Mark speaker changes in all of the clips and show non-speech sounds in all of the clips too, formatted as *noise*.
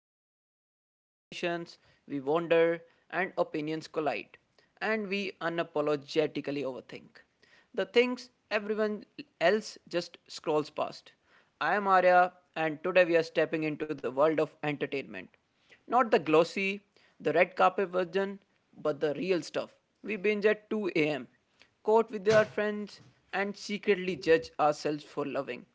Speaker 1: place where we conversations, we wander, and opinions collide, and we unapologetically overthink the things everyone else just scrolls past. I am Arya, and today we are stepping into the world of entertainment. Not the glossy, the red carpet version, but the real stuff. We binge at 2 a.m., court with our friends, and secretly judge ourselves for loving.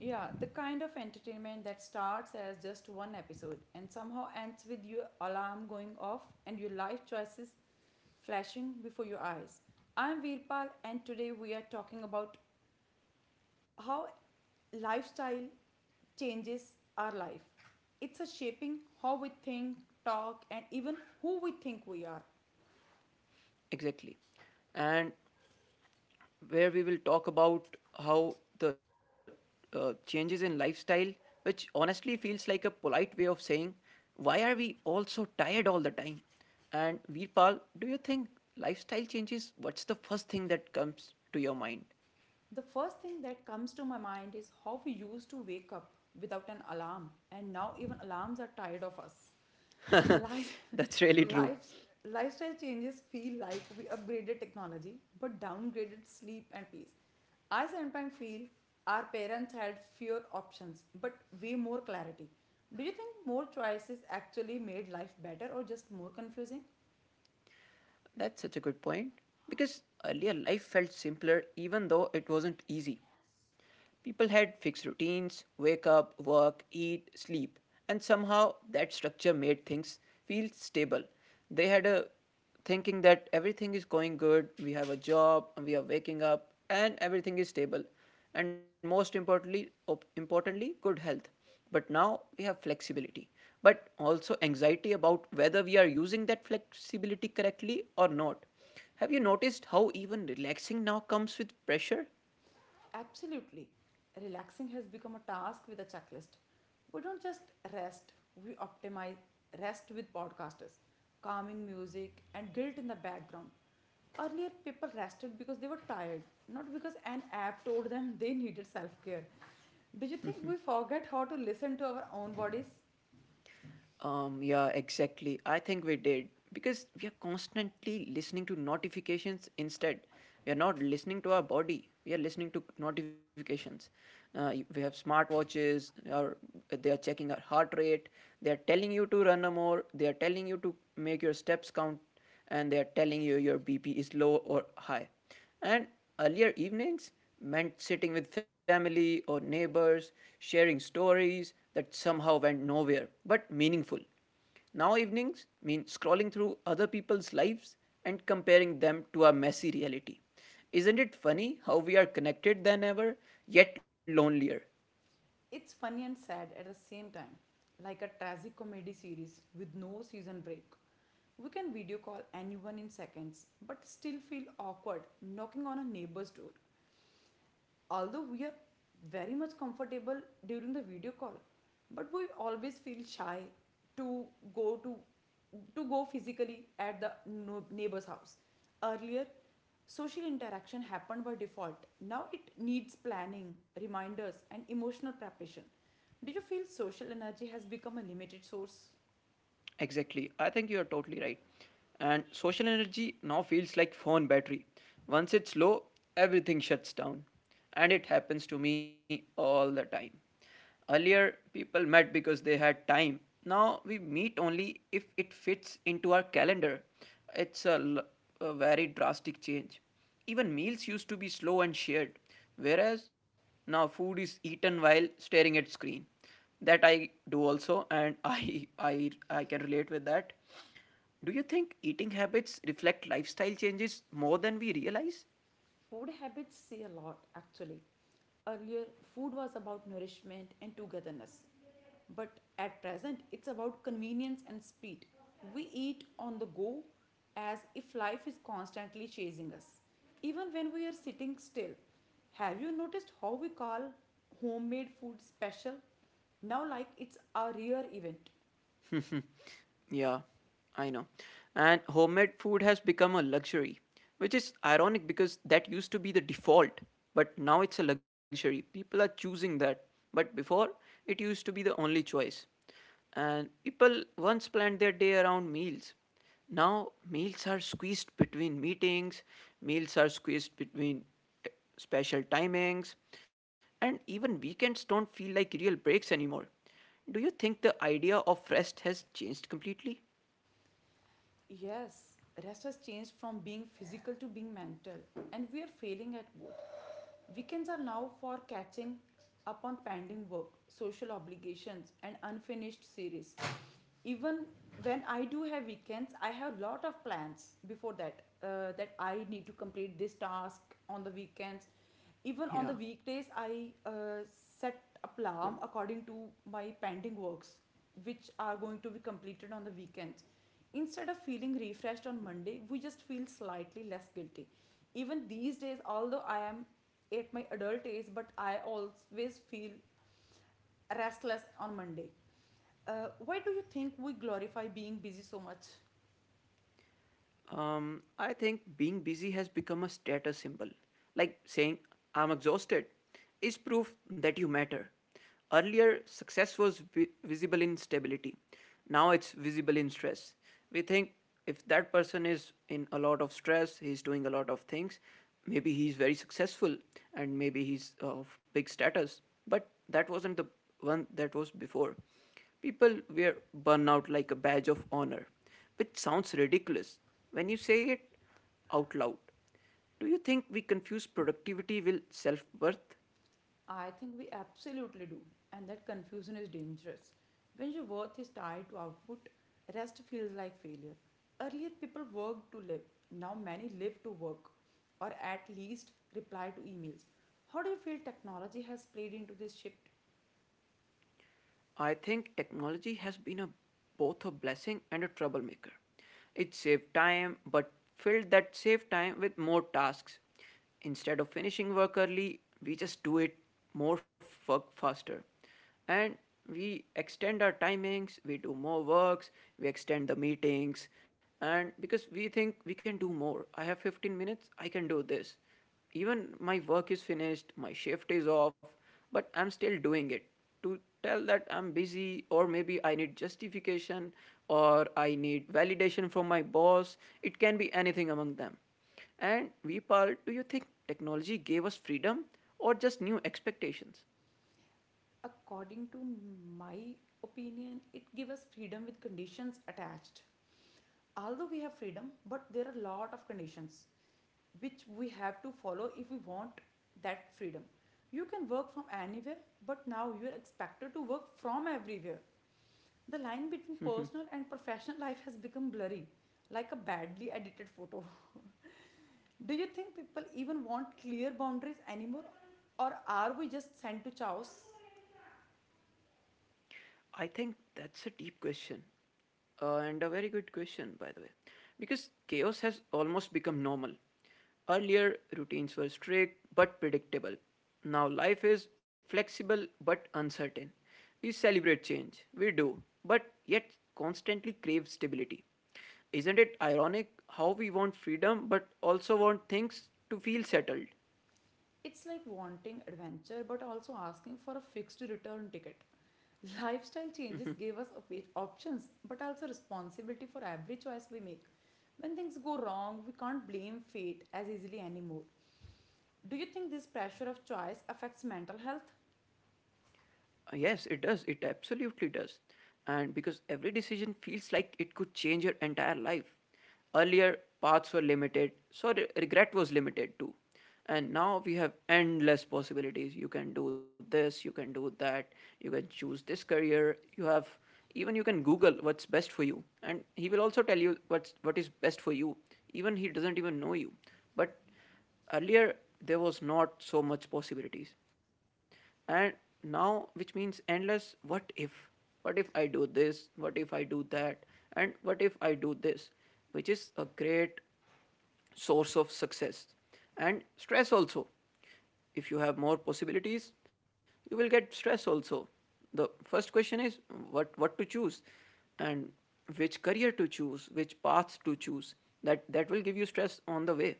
Speaker 2: Yeah, the kind of entertainment that starts as just one episode and somehow ends with your alarm going off and your life choices flashing before your eyes. I'm Veerpal, and today we are talking about how lifestyle changes our life. It's a shaping how we think, talk, and even who we think we are.
Speaker 1: Exactly. And where we will talk about how the changes in lifestyle, which honestly feels like a polite way of saying, why are we all so tired all the time? And Veerpal, do you think lifestyle changes? What's the first thing that comes to your mind?
Speaker 2: The first thing that comes to my mind is how we used to wake up without an alarm, and now even alarms are tired of us. Life,
Speaker 1: *laughs* That's
Speaker 2: *laughs*
Speaker 1: really true.
Speaker 2: life, lifestyle changes feel like we upgraded technology but downgraded sleep and peace. I sometimes feel our parents had fewer options but way more clarity. Do you think more choices actually made life better or just more confusing?
Speaker 1: That's such a good point. Because earlier life felt simpler even though it wasn't easy. People had fixed routines, wake up, work, eat, sleep, and somehow that structure made things feel stable. They had a thinking that everything is going good, we have a job, we are waking up, and everything is stable. And most importantly, importantly, good health. But now we have flexibility, but also anxiety about whether we are using that flexibility correctly or not. Have you noticed how even relaxing now comes with pressure?
Speaker 2: Absolutely. Relaxing has become a task with a checklist. We don't just rest, we optimize rest with podcasters, calming music, and guilt in the background. Earlier, people rested because they were tired, not because an app told them they needed self care. Do you think we forget how to listen to our own bodies?
Speaker 1: Yeah, exactly. I think we did because we are constantly listening to notifications instead. We are not listening to our body. We are listening to notifications. We have smartwatches. Or they are checking our heart rate. They are telling you to run more. They are telling you to make your steps count, and they are telling you your BP is low or high. And earlier evenings meant sitting with family or neighbors, sharing stories that somehow went nowhere but meaningful. Now, evenings mean scrolling through other people's lives and comparing them to our messy reality. Isn't it funny how we are connected than ever, yet lonelier?
Speaker 2: It's funny and sad at the same time, like a tragic comedy series with no season break. We can video call anyone in seconds, but still feel awkward knocking on a neighbor's door, although we are very much comfortable during the video call, but we always feel shy to go to to go physically at the neighbor's house. Earlier, social interaction happened by default. Now it needs planning, reminders, and emotional preparation. Do you feel social energy has become a limited source?
Speaker 1: Exactly. I think you are totally right. And social energy now feels like phone battery. Once it's low, everything shuts down. And it happens to me all the time. Earlier, people met because they had time. Now we meet only if it fits into our calendar. It's a, l- a very drastic change. Even meals used to be slow and shared, whereas now food is eaten while staring at screen that I do also, and *laughs* I can relate with that. Do you think eating habits reflect lifestyle changes more than we realize?
Speaker 2: Food habits say a lot, actually. Earlier, food was about nourishment and togetherness. But at present, it's about convenience and speed. We eat on the go as if life is constantly chasing us, even when we are sitting still. Have you noticed how we call homemade food special now, like it's a rare event?
Speaker 1: *laughs* Yeah, I know. And homemade food has become a luxury, which is ironic because that used to be the default, but now it's a luxury. People are choosing that. But before, it used to be the only choice. And people once planned their day around meals. Now, meals are squeezed between meetings, meals are squeezed between special timings, and even weekends don't feel like real breaks anymore. Do you think the idea of rest has changed completely?
Speaker 2: Yes, rest has changed from being physical to being mental, and we are failing at both. Weekends are now for catching up on pending work, social obligations, and unfinished series. Even when I do have weekends, I have a lot of plans before that. That I need to complete this task on the weekends. Even on the
Speaker 1: Yeah.
Speaker 2: weekdays, I set alarm according to my pending works, which are going to be completed on the weekends. Instead of feeling refreshed on Monday, we just feel slightly less guilty. Even these days, although I am at my adult age, but I always feel restless on Monday. Why do you think we glorify being busy so much?
Speaker 1: I think being busy has become a status symbol. Like saying, I'm exhausted, is proof that you matter. Earlier, success was visible in stability. Now it's visible in stress. We think if that person is in a lot of stress, he's doing a lot of things, maybe he's very successful and maybe he's of big status. But that wasn't the one that was before. People wear burnout like a badge of honor, which sounds ridiculous when you say it out loud. Do you think we confuse productivity with self worth?
Speaker 2: I think we absolutely do, and that confusion is dangerous. When your worth is tied to output, rest feels like failure. Earlier, people worked to live, now, many live to work, or at least reply to emails. How do you feel technology has played into this shift?
Speaker 1: I think technology has been a, both a blessing and a troublemaker. It saved time, but filled that saved time with more tasks. Instead of finishing work early, we just do it more work faster. And we extend our timings, we do more works, we extend the meetings, and because we think we can do more. I have 15 minutes, I can do this even my work is finished, my shift is off, but I'm still doing it to tell that I'm busy, or maybe I need justification or I need validation from my boss. It can be anything among them. And Vipal, do you think technology gave us freedom or just new expectations?
Speaker 2: According to my opinion, it gives us freedom with conditions attached. Although we have freedom, but there are a lot of conditions which we have to follow if we want that freedom. You can work from anywhere, but now you are expected to work from everywhere. The line between personal and professional life has become blurry, like a badly edited photo. *laughs* Do you think people even want clear boundaries anymore, or are we just sent to chaos?
Speaker 1: I think that's a deep question, and a very good question, by the way, because chaos has almost become normal. Earlier, routines were strict but predictable. Now, life is flexible but uncertain. We celebrate change, we do, but yet constantly crave stability. Isn't it ironic how we want freedom but also want things to feel settled?
Speaker 2: It's like wanting adventure but also asking for a fixed return ticket. Lifestyle changes gave us options but also responsibility for every choice we make. When things go wrong, we can't blame fate as easily anymore. Do you think this pressure of choice affects mental health?
Speaker 1: Yes, it does. It absolutely does. And because every decision feels like it could change your entire life. Earlier, paths were limited, so regret was limited too. And now we have endless possibilities. You can do this, you can do that, you can choose this career. You have even you can Google what's best for you, and he will also tell you what's what is best for you. Even he doesn't even know you, but earlier there was not so much possibilities, and now which means endless what if I do this, what if I do that, and what if I do this, which is a great source of success and stress also. If you have more possibilities, you will get stress also. The first question is what to choose, and which career to choose, which paths to choose. That will give you stress on the way.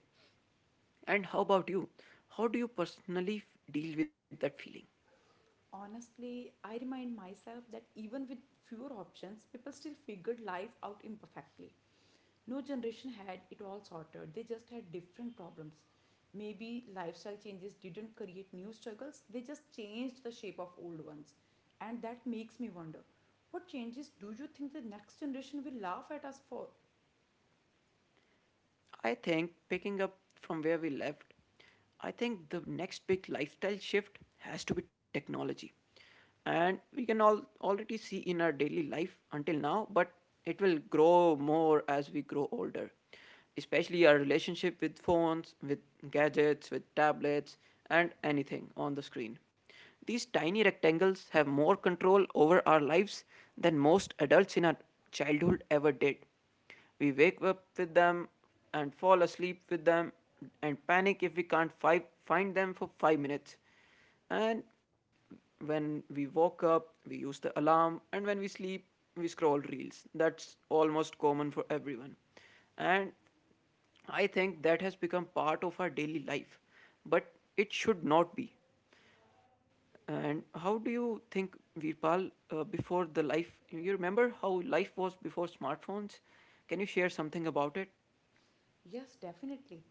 Speaker 1: And how about you? How do you personally deal with that feeling?
Speaker 2: Honestly, I remind myself that even with fewer options, people still figured life out imperfectly. No generation had it all sorted; they just had different problems. Maybe lifestyle changes didn't create new struggles, they just changed the shape of old ones. And that makes me wonder, what changes do you think the next generation will laugh at us for?
Speaker 1: I think picking up from where we left, I think the next big lifestyle shift has to be technology. And we can all already see in our daily life until now, but it will grow more as we grow older. Especially our relationship with phones, with gadgets, with tablets, and anything on the screen. These tiny rectangles have more control over our lives than most adults in our childhood ever did. We wake up with them and fall asleep with them and panic if we can't find them for 5 minutes. And when we woke up, we use the alarm, and when we sleep, we scroll reels. That's almost common for everyone. And I think that has become part of our daily life, but it should not be. And how do you think, Virpal, before the life, you remember how life was before smartphones? Can you share something about it?
Speaker 2: Yes, definitely.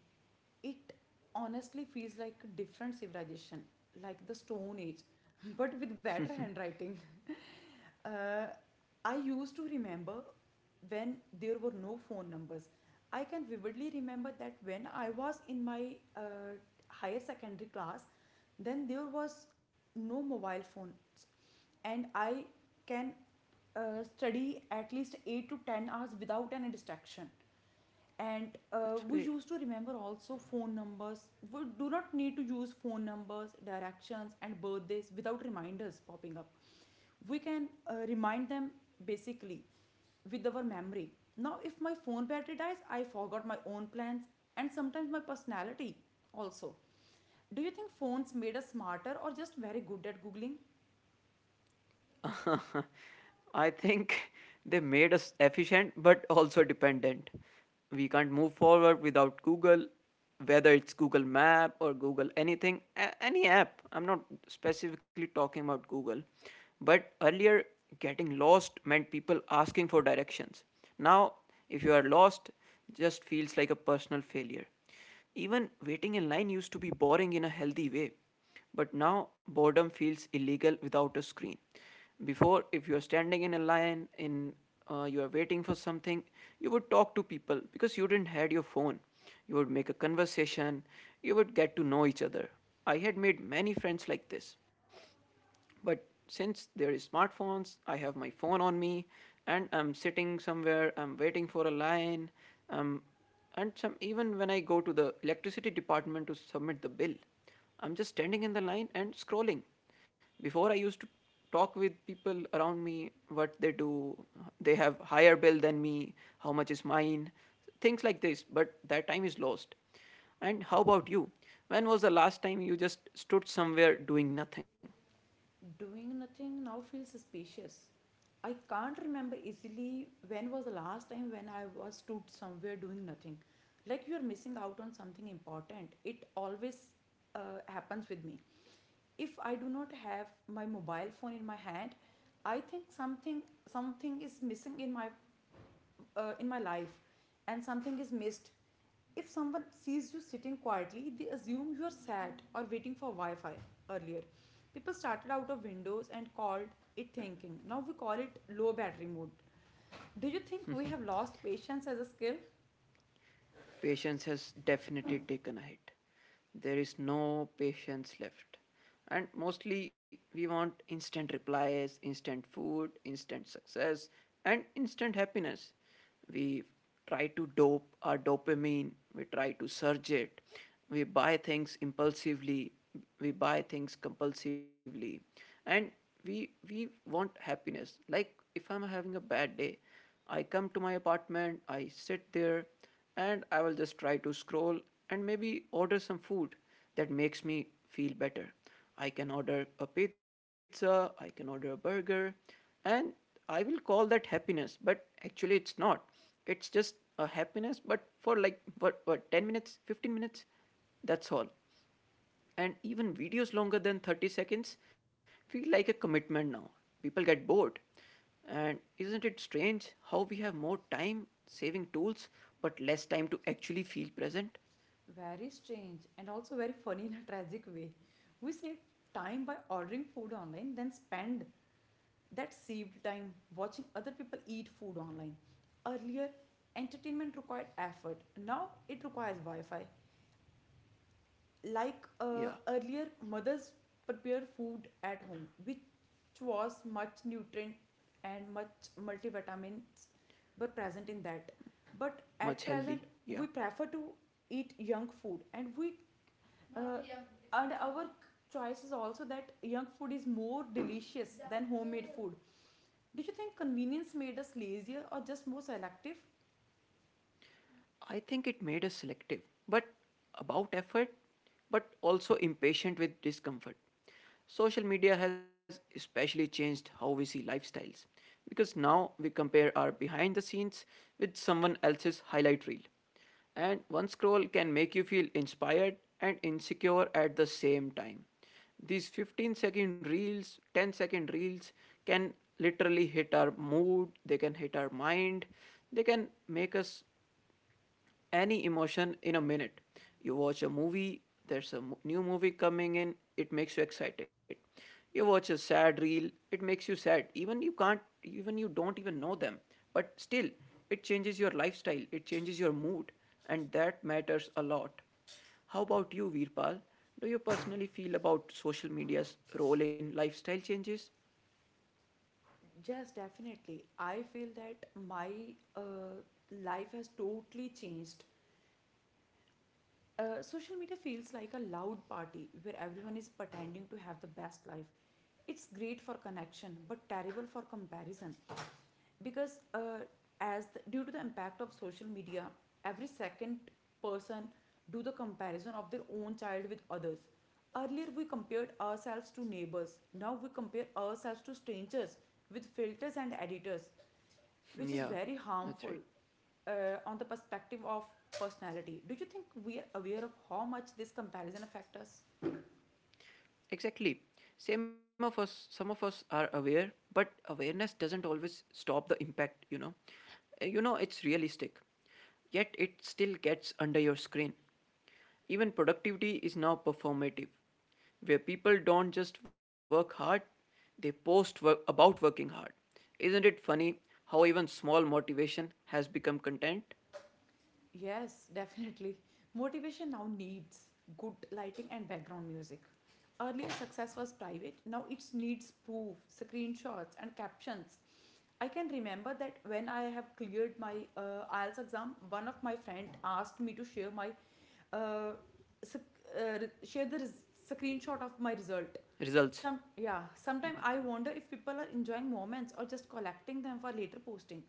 Speaker 2: It honestly feels like a different civilization, like the stone age, *laughs* but with better handwriting. Uh, I used to remember when there were no phone numbers. I can vividly remember that when I was in my higher secondary class, then there was no mobile phones, and I can study at least 8 to 10 hours without any distraction. And
Speaker 1: That's
Speaker 2: we
Speaker 1: great.
Speaker 2: used to remember also phone numbers. We do not need to use phone numbers, directions, and birthdays without reminders popping up. We can remind them basically with our memory. Now if my phone battery dies, I forgot my own plans, and sometimes my personality also. Do you think phones made us smarter or just very good at Googling?
Speaker 1: *laughs* I think they made us efficient but also dependent. We can't move forward without Google, whether it's Google Map or Google anything, any app. I'm not specifically talking about Google. But earlier, getting lost meant people asking for directions. Now, if you are lost, just feels like a personal failure. Even waiting in line used to be boring in a healthy way, but now boredom feels illegal without a screen. Before, if you are standing in a line, in you are waiting for something, you would talk to people because you didn't had your phone. You would make a conversation. You would get to know each other. I had made many friends like this. But since there is smartphones, I have my phone on me, and I'm sitting somewhere. I'm waiting for a line. Um, and some even when I go to the electricity department to submit the bill, I'm just standing in the line and scrolling. Before I used to talk with people around me what they do, they have higher bill than me, how much is mine, things like this, but that time is lost. And how about you? When was the last time you just stood somewhere doing nothing?
Speaker 2: Doing nothing now feels suspicious. I can't remember easily when was the last time when I was stood somewhere doing nothing. Like you're missing out on something important. It always happens with me. If I do not have my mobile phone in my hand, I think something is missing in my life, and something is missed. If someone sees you sitting quietly, they assume you are sad or waiting for Wi Fi. Earlier, people started out of windows and called it thinking. Now we call it low battery mode. Do you think we have lost patience as a skill?
Speaker 1: Patience has definitely taken a hit. There is no patience left. And mostly we want instant replies, instant food, instant success, and instant happiness. We try to dope our dopamine, we try to surge it, we buy things impulsively, we buy things compulsively, and we want happiness. Like if I'm having a bad day, I come to my apartment, I sit there, and I will just try to scroll and maybe order some food that makes me feel better. I can order a pizza, I can order a burger, and I will call that happiness, but actually it's not. It's just a happiness, but for like what 10 minutes, 15 minutes, that's all. And even videos longer than 30 seconds feel like a commitment now. People get bored. And isn't it strange how we have more time saving tools but less time to actually feel present?
Speaker 2: Very strange and also very funny in a *laughs* tragic way. We save time by ordering food online, then spend that saved time watching other people eat food online. Earlier, entertainment required effort. Now it requires Wi Fi. Like
Speaker 1: Yeah,
Speaker 2: earlier, mothers prepare food at home, which was much nutrient and much multivitamins were present in that. But at
Speaker 1: much
Speaker 2: present,
Speaker 1: healthy. Yeah.
Speaker 2: we prefer to eat young food, and we uh, and our choice is also that young food is more delicious than homemade food. Do you think convenience made us lazier or just more selective?
Speaker 1: I think it made us selective, but about effort, but also impatient with discomfort. Social media has especially changed how we see lifestyles because now we compare our behind the scenes with someone else's highlight reel. And one scroll can make you feel inspired and insecure at the same time. These 15-second reels, 10-second reels can literally hit our mood, they can hit our mind, they can make us any emotion in a minute. You watch a movie, there's a new movie coming in, it makes you excited. You watch a sad reel, it makes you sad. Even you can't, even you don't even know them. But still, it changes your lifestyle, it changes your mood, and that matters a lot. How about you, Veerpal? Do you personally feel about social media's role in lifestyle changes?
Speaker 2: Yes, definitely. I feel that my uh, life has totally changed. Social media feels like a loud party where everyone is pretending to have the best life. It's great for connection, but terrible for comparison. Because due to the impact of social media, every second person do the comparison of their own child with others. Earlier we compared ourselves to neighbors. Now we compare ourselves to strangers with filters and editors,
Speaker 1: *laughs*
Speaker 2: which is
Speaker 1: yeah,
Speaker 2: very
Speaker 1: that's
Speaker 2: harmful
Speaker 1: right.
Speaker 2: on the perspective of personality. Do you think we are aware of how much this comparison affects us?
Speaker 1: Exactly. Some of us are aware, but awareness doesn't always stop the impact, you know. It's realistic, yet it still gets under your screen. Even productivity is now performative, where people don't just work hard, they post work about working hard. Isn't it funny how even small motivation has become content?
Speaker 2: Yes, *laughs* definitely. Motivation now needs good lighting and background music. Earlier, success was private. Now it needs proof, screenshots, and captions. I can remember that when I have cleared my IELTS exam, one of my friend asked me to uh, sc- uh, share the screenshot of my result.
Speaker 1: Results.
Speaker 2: Some Yeah.
Speaker 1: Yeah.
Speaker 2: Sometimes I wonder if people are enjoying moments or just collecting them for later posting.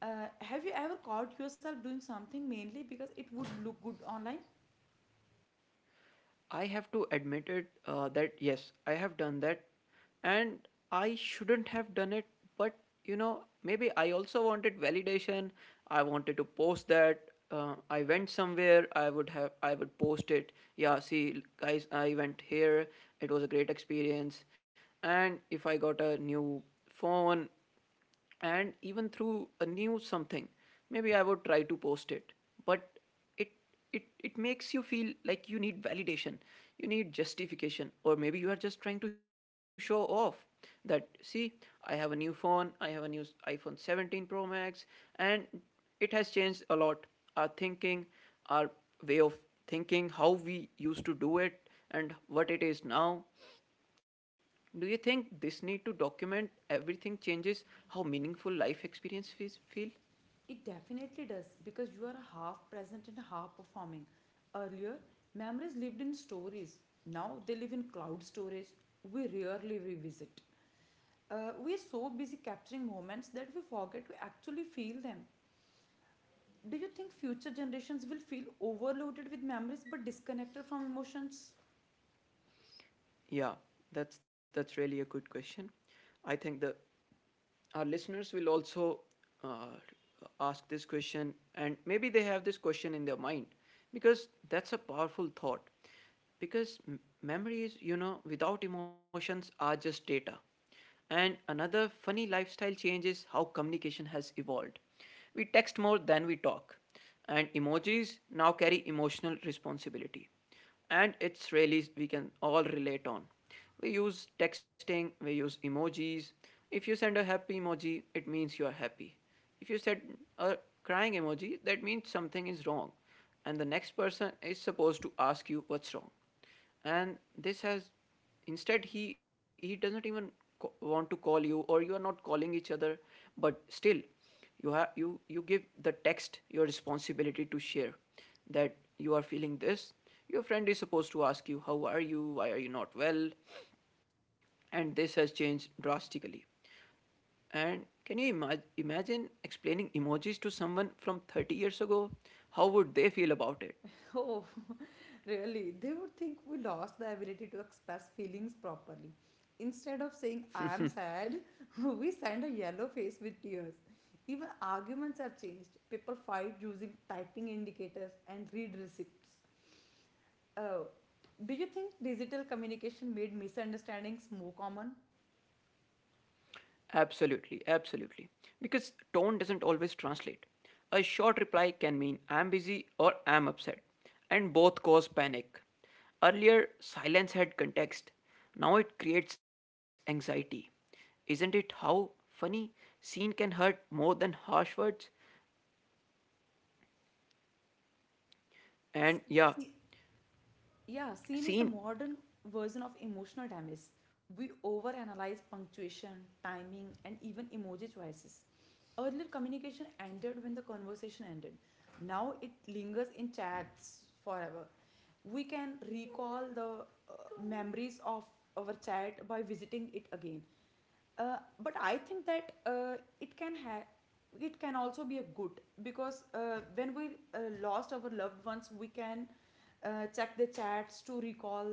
Speaker 2: Have you ever caught yourself doing something mainly because it would look good online?
Speaker 1: I have to admit it that yes, I have done that, and I shouldn't have done it. But you know, maybe I also wanted validation. I wanted to post that. I went somewhere. I would have. I would post it. Yeah, see, guys, I went here. It was a great experience. And if I got a new phone, and even through a new something, maybe I would try to post it. But it it makes you feel like you need validation, you need justification, or maybe you are just trying to show off. That, see, I have a new phone. I have a new iPhone 17 Pro Max, and it has changed a lot, our thinking, our way of thinking, how we used to do it and what it is now. Do you think this need to document everything changes how meaningful life experience fees feel?
Speaker 2: It definitely does because you are half present and half performing. Earlier, memories lived in stories. Now they live in cloud storage. We rarely revisit. We are so busy capturing moments that we forget to actually feel them. Do you think future generations will feel overloaded with memories but disconnected from emotions?
Speaker 1: Yeah, that's really a good question. I think the our listeners will also uh, ask this question, and maybe they have this question in their mind, because that's a powerful thought, because memories, you know, without emotions are just data. And another funny lifestyle change is how communication has evolved. We text more than we talk, and emojis now carry emotional responsibility. And it's really, we can all relate on, we use texting, we use emojis. If you send a happy emoji, it means you are happy. If you send a crying emoji, that means something is wrong. And the next person is supposed to ask you what's wrong. And this has, instead, he doesn't even want to call you, or you are not calling each other, but still, you have, you give the text your responsibility to share that you are feeling this. Your friend is supposed to ask you how are you, why are you not well. And this has changed drastically. And can you imagine explaining emojis to someone from 30 years ago? How would they feel about it?
Speaker 2: Oh, *laughs* really? They would think we lost the ability to express feelings properly. Instead of saying, I am sad, *laughs* we send a yellow face with tears. Even arguments have changed. People fight using typing indicators and read receipts. Oh, do you think digital communication made misunderstandings more common?
Speaker 1: Absolutely, absolutely. Because tone doesn't always translate. A short reply can mean I'm busy or I'm upset, and both cause panic. Earlier, silence had context. Now it creates anxiety. Isn't it how funny? Scene can hurt more than harsh words. And yeah,
Speaker 2: See, Yeah, scene is the
Speaker 1: scene.
Speaker 2: modern version of emotional timeless. We overanalyze punctuation, timing, and even emoji choices. Earlier, communication ended when the conversation ended. Now it lingers in chats forever. We can recall the memories of our chat by visiting it again. But I think that it can also be a good, because when we lost our loved ones, we can check the chats to recall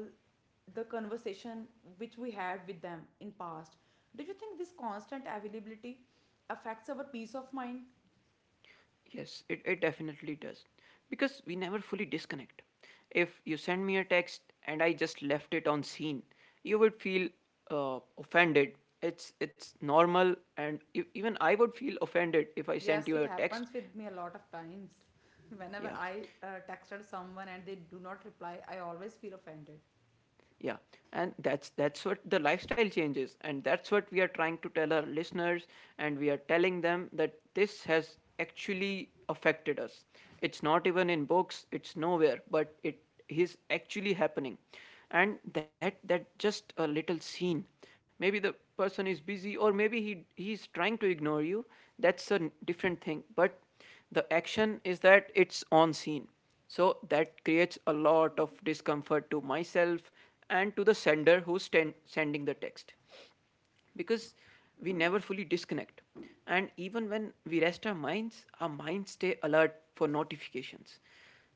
Speaker 2: the conversation which we had with them in past. Do you think this constant availability affects our peace of mind?
Speaker 1: Yes, it definitely does. Because we never fully disconnect. If you send me a text and I just left it on scene, you would feel offended. It's normal, and even I would feel offended if I sent
Speaker 2: Yes,
Speaker 1: you
Speaker 2: it
Speaker 1: a text.
Speaker 2: happens with me a lot of times. *laughs* Whenever
Speaker 1: Yeah,
Speaker 2: I texted someone and they do not reply, I always feel offended.
Speaker 1: yeah, and that's what the lifestyle changes, and that's what we are trying to tell our listeners, and we are telling them that this has actually affected us. It's not even in books, it's nowhere, but it is actually happening. And that just a little scene, maybe the person is busy or maybe he's trying to ignore you, that's a different thing, but the action is that it's on scene. So that creates a lot of discomfort to myself and to the sender sending the text, because we never fully disconnect. And even when we rest our minds, our minds stay alert for notifications.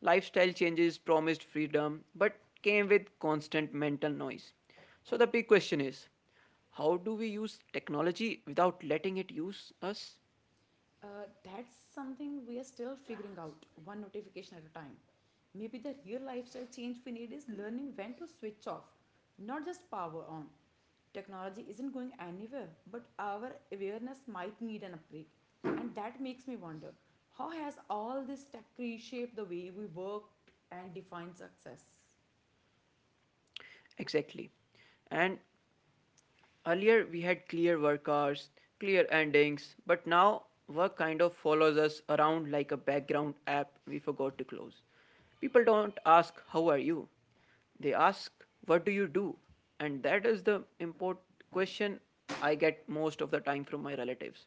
Speaker 1: Lifestyle changes promised freedom but came with constant mental noise. So the big question is, how do we use technology without letting it use us?
Speaker 2: uh, that's something we are still figuring out, one notification at a time. Maybe the real lifestyle change we need is learning when to switch off, not just power on. Technology isn't going anywhere, but our awareness might need an upgrade. And that makes me wonder, how has all this tech reshaped the way we work and define success?
Speaker 1: Exactly. And earlier, we had clear work hours, clear endings, but now work kind of follows us around like a background app we forgot to close. People don't ask, How are you? They ask, What do you do? And that is the important question I get most of the time from my relatives.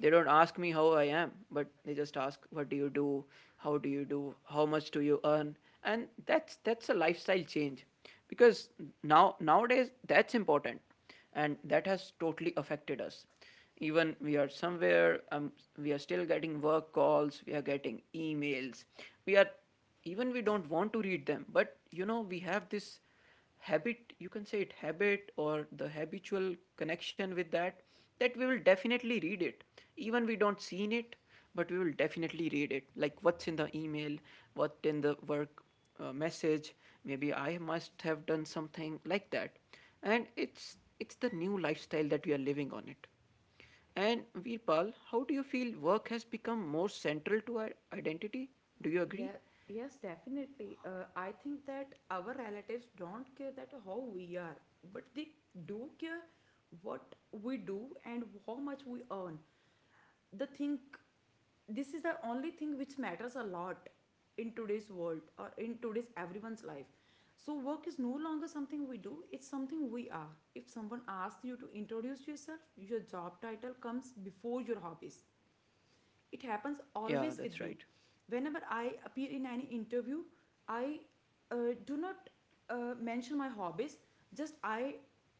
Speaker 1: They don't ask me how I am, but they just ask, What do you do? How do you do? How much do you earn? And that's a lifestyle change, because nowadays that's important, and that has totally affected us. Even we are somewhere, we are still getting work calls, we are getting emails, we are even we don't want to read them, but you know, we have this habit, you can say it habit or the habitual connection with that, that we will definitely read it, even we don't seen it, but we will definitely read it, like what's in the email, what in the work message. Maybe I must have done something like that. And it's the new lifestyle that we are living on it. And Veerpal, how do you feel work has become more central to our identity? Do you agree?
Speaker 2: Yeah, yes, definitely. I think that our relatives don't care that how we are, but they do care what we do and how much we earn. The thing, this is the only thing which matters a lot in today's world or in today's everyone's life. So work is no longer something we do; it's something we are. If someone asks you to introduce yourself, your job title comes before your hobbies. It happens
Speaker 1: Yeah,
Speaker 2: always
Speaker 1: that's
Speaker 2: with me
Speaker 1: right.
Speaker 2: whenever I appear in any interview. I do not mention my hobbies. Just I,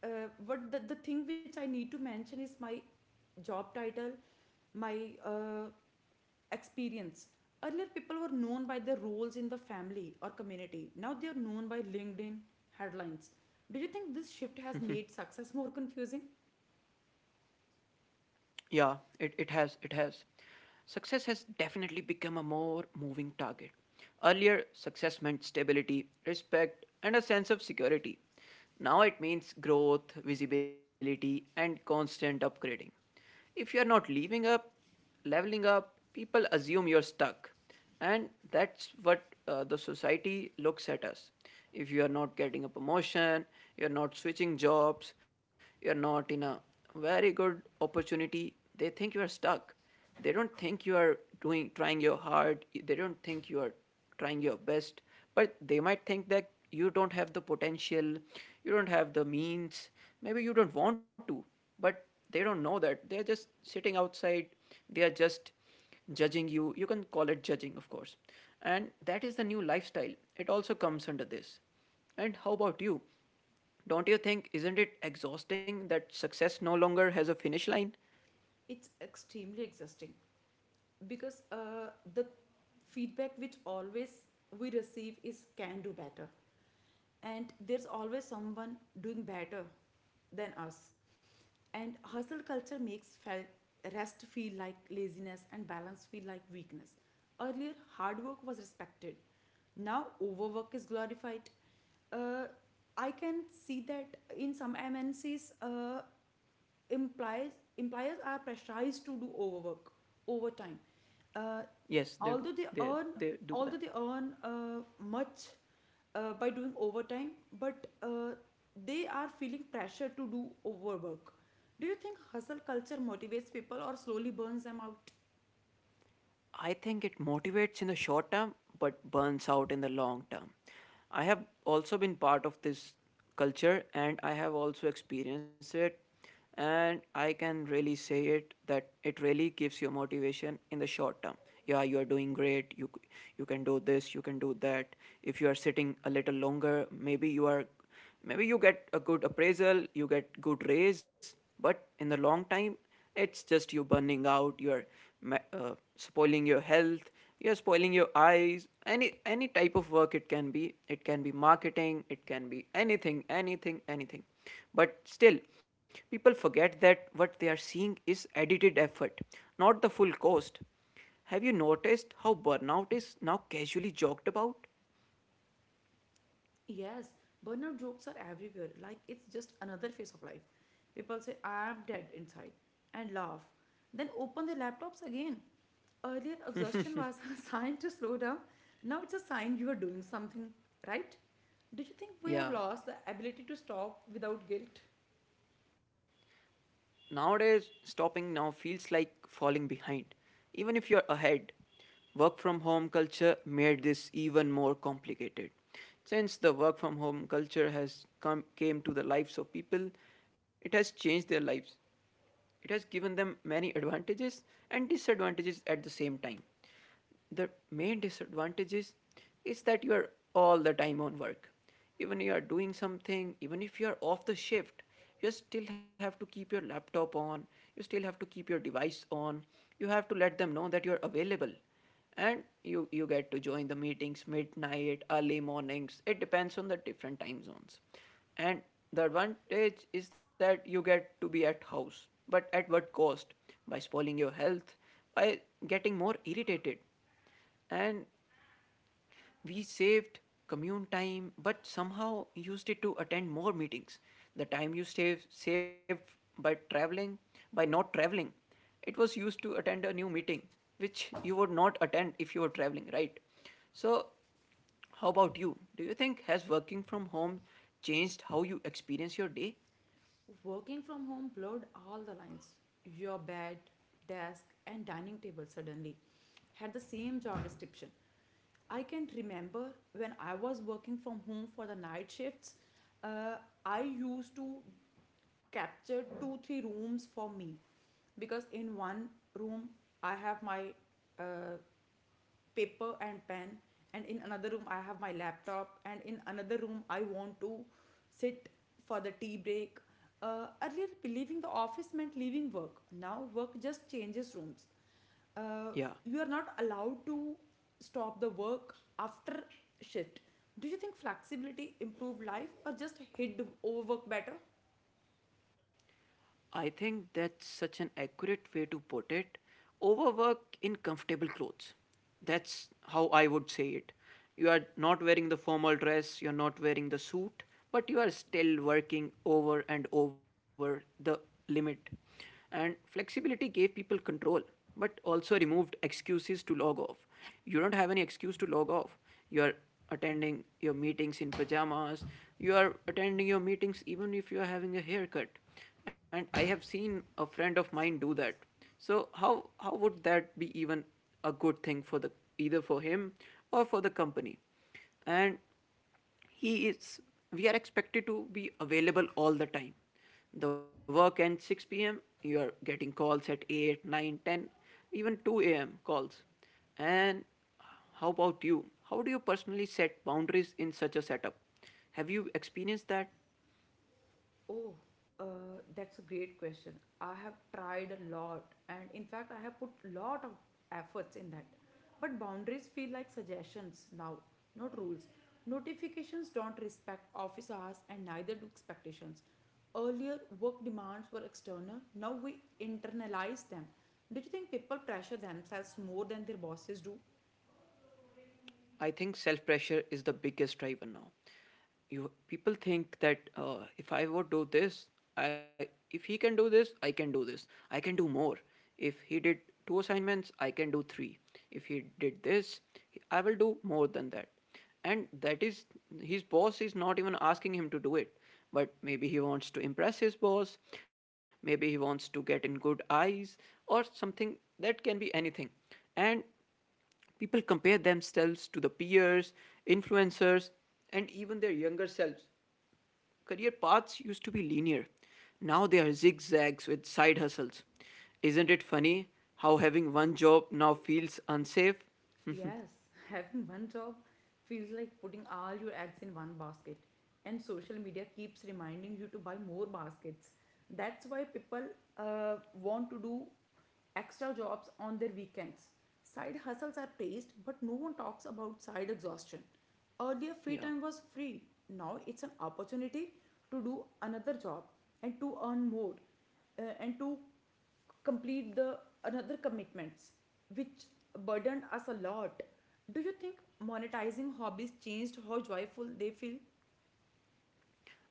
Speaker 2: what the thing which I need to mention is my job title, my uh, experience. Earlier, people were known by their roles in the family or community. Now they are known by LinkedIn headlines. Do you think this shift has made success more confusing?
Speaker 1: Yeah, it has. It has. Success has definitely become a more moving target. Earlier, success meant stability, respect, and a sense of security. Now it means growth, visibility, and constant upgrading. If you are not living up leveling up, people assume you're stuck. And that's what the society looks at us. If you are not getting a promotion, you're not switching jobs, you're not in a very good opportunity, they think you are stuck. They don't think you are doing trying your hard. They don't think you are trying your best, but they might think that you don't have the potential, you don't have the means, maybe you don't want to, but they don't know that they're just sitting outside, they are just judging you. You can call it judging, of course. And that is the new lifestyle, it also comes under this. And how about you, don't you think, isn't it exhausting that success no longer has a finish line?
Speaker 2: It's extremely exhausting because the feedback which always we receive is can do better, and there's always someone doing better than us. And hustle culture makes felt rest feel like laziness and balance feel like weakness. Earlier, hard work was respected, now overwork is glorified. uh, I can see that in some MNCs, implies employers are pressurized to do overwork, overtime. Uh,
Speaker 1: Yes, they do,
Speaker 2: although they
Speaker 1: they
Speaker 2: earn,
Speaker 1: they do that.
Speaker 2: much by doing overtime, but they are feeling pressure to do overwork. Do you think hustle culture motivates people or slowly burns them out?
Speaker 1: I think it motivates in the short term but burns out in the long term. I have also been part of this culture, and I have also experienced it. And I can really say it that it really gives you motivation in the short term. Yeah, you are doing great. You can do this. You can do that. If you are sitting a little longer, maybe you are, maybe you get a good appraisal, you get good raise, but in the long time, it's just you burning out, you're spoiling your health, you're spoiling your eyes. Any type of work it can be. It can be marketing, it can be anything, anything, anything. But still, people forget that what they are seeing is edited effort, not the full cost. Have you noticed how burnout is now casually joked about?
Speaker 2: Yes, burnout jokes are everywhere. Like it's just another phase of life. People say, I am dead inside, and laugh, then open their laptops again. Earlier, exhaustion was *laughs* a sign to slow down. Now it's a sign you are doing something right. Do you think we have
Speaker 1: Yeah.
Speaker 2: lost the ability to stop without guilt?
Speaker 1: Nowadays, stopping now feels like falling behind, even if you're ahead. Work from home culture made this even more complicated. Since the work from home culture has come, came to the lives of people, it has changed their lives. It has given them many advantages and disadvantages at the same time. The main disadvantages is that you are all the time on work. Even you are doing something, even if you are off the shift, you still have to keep your laptop on, you still have to keep your device on, you have to let them know that you are available, and you get to join the meetings midnight, early mornings, it depends on the different time zones. And the advantage is that you get to be at house, but at what cost? By spoiling your health, by getting more irritated. And we saved commune time, but somehow used it to attend more meetings. The time you saved by traveling, by not traveling, it was used to attend a new meeting, which you would not attend if you were traveling, right? So, how about you? Do you think has working from home changed how you experience your day?
Speaker 2: Working from home blurred all the lines. Your bed, desk, and dining table suddenly had the same job description. I can remember when I was working from home for the night shifts, uh, I used to capture two, three rooms for me because in one room I have my uh, paper and pen, and in another room I have my laptop, and in another room I want to sit for the tea break. Uh, earlier, leaving the office meant leaving work. Now work just changes rooms. uh,
Speaker 1: Yeah,
Speaker 2: you are not allowed to stop the work after shift. Do you think flexibility improved life or just hid overwork better?
Speaker 1: I think that's such an accurate way to put it. Overwork in comfortable clothes. That's how I would say it. You are not wearing the formal dress, you're not wearing the suit, but you are still working over and over the limit. And flexibility gave people control, but also removed excuses to log off. You don't have any excuse to log off. You are attending your meetings in pajamas. You are attending your meetings even if you are having a haircut. And I have seen a friend of mine do that. So how would that be even a good thing for the either for him or for the company? And he is we are expected to be available all the time. The work ends 6 p.m., you are getting calls at 8, 9, 10, even 2 a.m. calls. And how about you? How do you personally set boundaries in such a setup? Have you experienced that?
Speaker 2: Oh, that's a great question. I have tried a lot, and in fact, I have put lot of efforts in that. But boundaries feel like suggestions now, not rules. Notifications don't respect office hours, and neither do expectations. Earlier, work demands were external. Now we internalize them. Do you think people pressure themselves more than their bosses do?
Speaker 1: I think self pressure is the biggest driver now. You people think that if I would do this, I if he can do this, I can do this. I can do more. If he did two assignments, I can do three. If he did this, I will do more than that. And that is his boss is not even asking him to do it. But maybe he wants to impress his boss, maybe he wants to get in good eyes or something, that can be anything. And people compare themselves to the peers, influencers, and even their younger selves. Career paths used to be linear. Now they are zigzags with side hustles. Isn't it funny how having one job now feels unsafe?
Speaker 2: Yes, *laughs* having one job feels like putting all your eggs in one basket, and social media keeps reminding you to buy more baskets. That's why people want to do extra jobs on their weekends. Side hustles are praised, but no one talks about side exhaustion. Earlier, free
Speaker 1: Yeah.
Speaker 2: time was free. Now it's an opportunity to do another job and to earn more, and to complete the another commitments which burdened us a lot. Do you think monetizing hobbies changed how joyful they feel?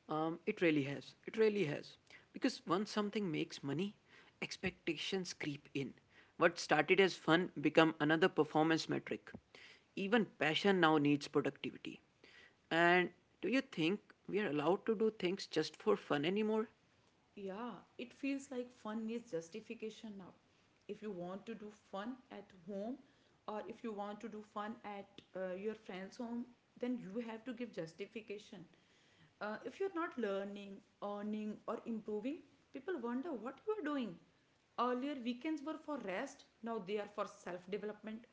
Speaker 1: It really has. It really has. Because once something makes money, expectations creep in. What started as fun become another performance metric. Even passion now needs productivity. And do you think we are allowed to do things just for fun anymore?
Speaker 2: Yeah, it feels like fun needs justification now. If you want to do fun at home, or if you want to do fun at your friend's home, then you have to give justification. If you're not learning, earning, or improving, people wonder what you are doing. Earlier, weekends were for rest, now they are for self development.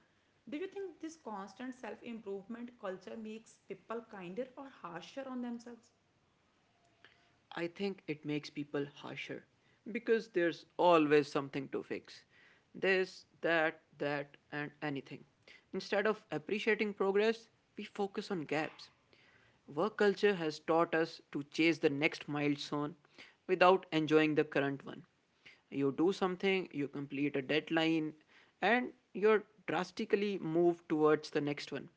Speaker 2: Do you think this constant self improvement culture makes people kinder or harsher on themselves?
Speaker 1: I think it makes people harsher because there's always something to fix. This, that, that, and anything. Instead of appreciating progress, we focus on gaps. Work culture has taught us to chase the next milestone without enjoying the current one. You do something, you complete a deadline, and you're drastically moved towards the next one.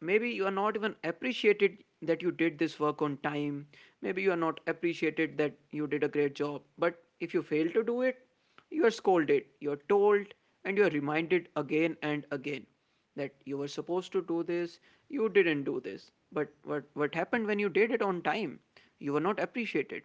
Speaker 1: Maybe you are not even appreciated that you did this work on time, maybe you are not appreciated that you did a great job. But if you fail to do it, you are scolded, you are told, and you are reminded again and again that you were supposed to do this, you didn't do this. But what happened when you did it on time? You were not appreciated.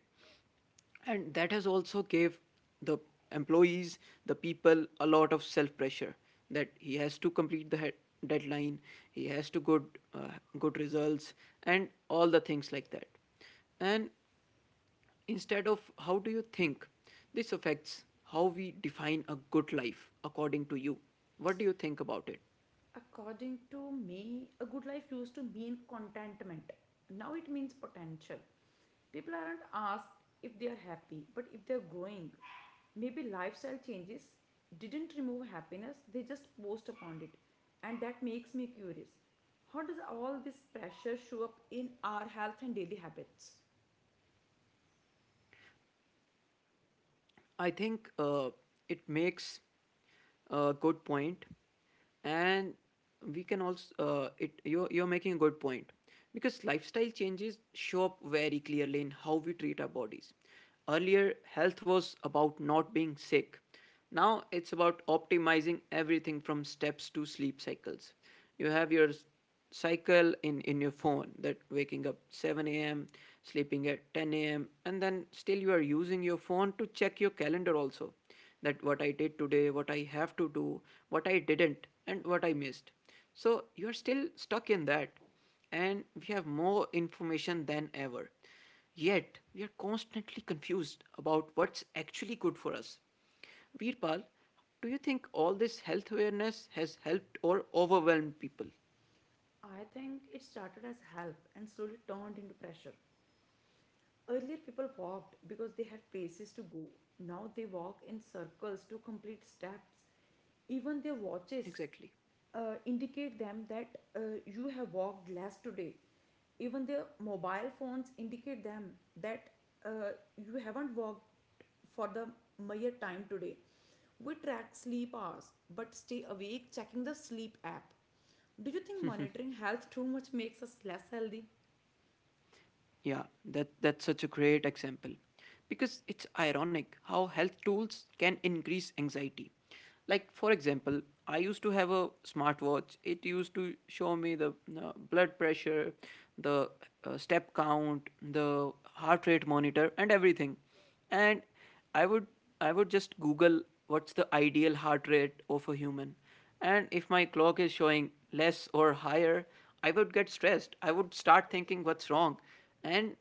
Speaker 1: And that has also gave the employees, the people, a lot of self pressure that he has to complete the head deadline, he has to good uh, good results and all the things like that. And instead of how do you think this affects how we define a good life according to you, what do you think about it?
Speaker 2: According to me, a good life used to mean contentment. Now it means potential. People aren't asked if they are happy, but if they are growing. Maybe lifestyle changes didn't remove happiness, they just post upon it. And that makes me curious. How does all this pressure show up in our health and daily habits?
Speaker 1: I think it makes a good point, and we can also it you're making a good point because lifestyle changes show up very clearly in how we treat our bodies. Earlier, health was about not being sick, now it's about optimizing everything from steps to sleep cycles. You have your cycle in your phone, that waking up 7 a.m., sleeping at 10 a.m., and then still you are using your phone to check your calendar also, that what I did today, what I have to do, what I didn't, and what I missed. So you're still stuck in that, and we have more information than ever. Yet, we are constantly confused about what's actually good for us. Veerpal, do you think all this health awareness has helped or overwhelmed people?
Speaker 2: I think it started as help and slowly turned into pressure. Earlier, people walked because they had places to go. Now they walk in circles to complete steps. Even their watches
Speaker 1: Exactly.
Speaker 2: indicate them that uh, you have walked less today. Even their mobile phones indicate them that uh, you haven't walked for the mere time today. We track sleep hours but stay awake checking the sleep app. Do you think monitoring health too much makes us less healthy?
Speaker 1: Yeah, that's such a great example. Because it's ironic how health tools can increase anxiety. Like for example, I used to have a smartwatch. It used to show me the blood pressure, the step count, the heart rate monitor and everything. And I would I would just google what's the ideal heart rate of a human. And if my clock is showing less or higher, I would get stressed. I would start thinking what's wrong. And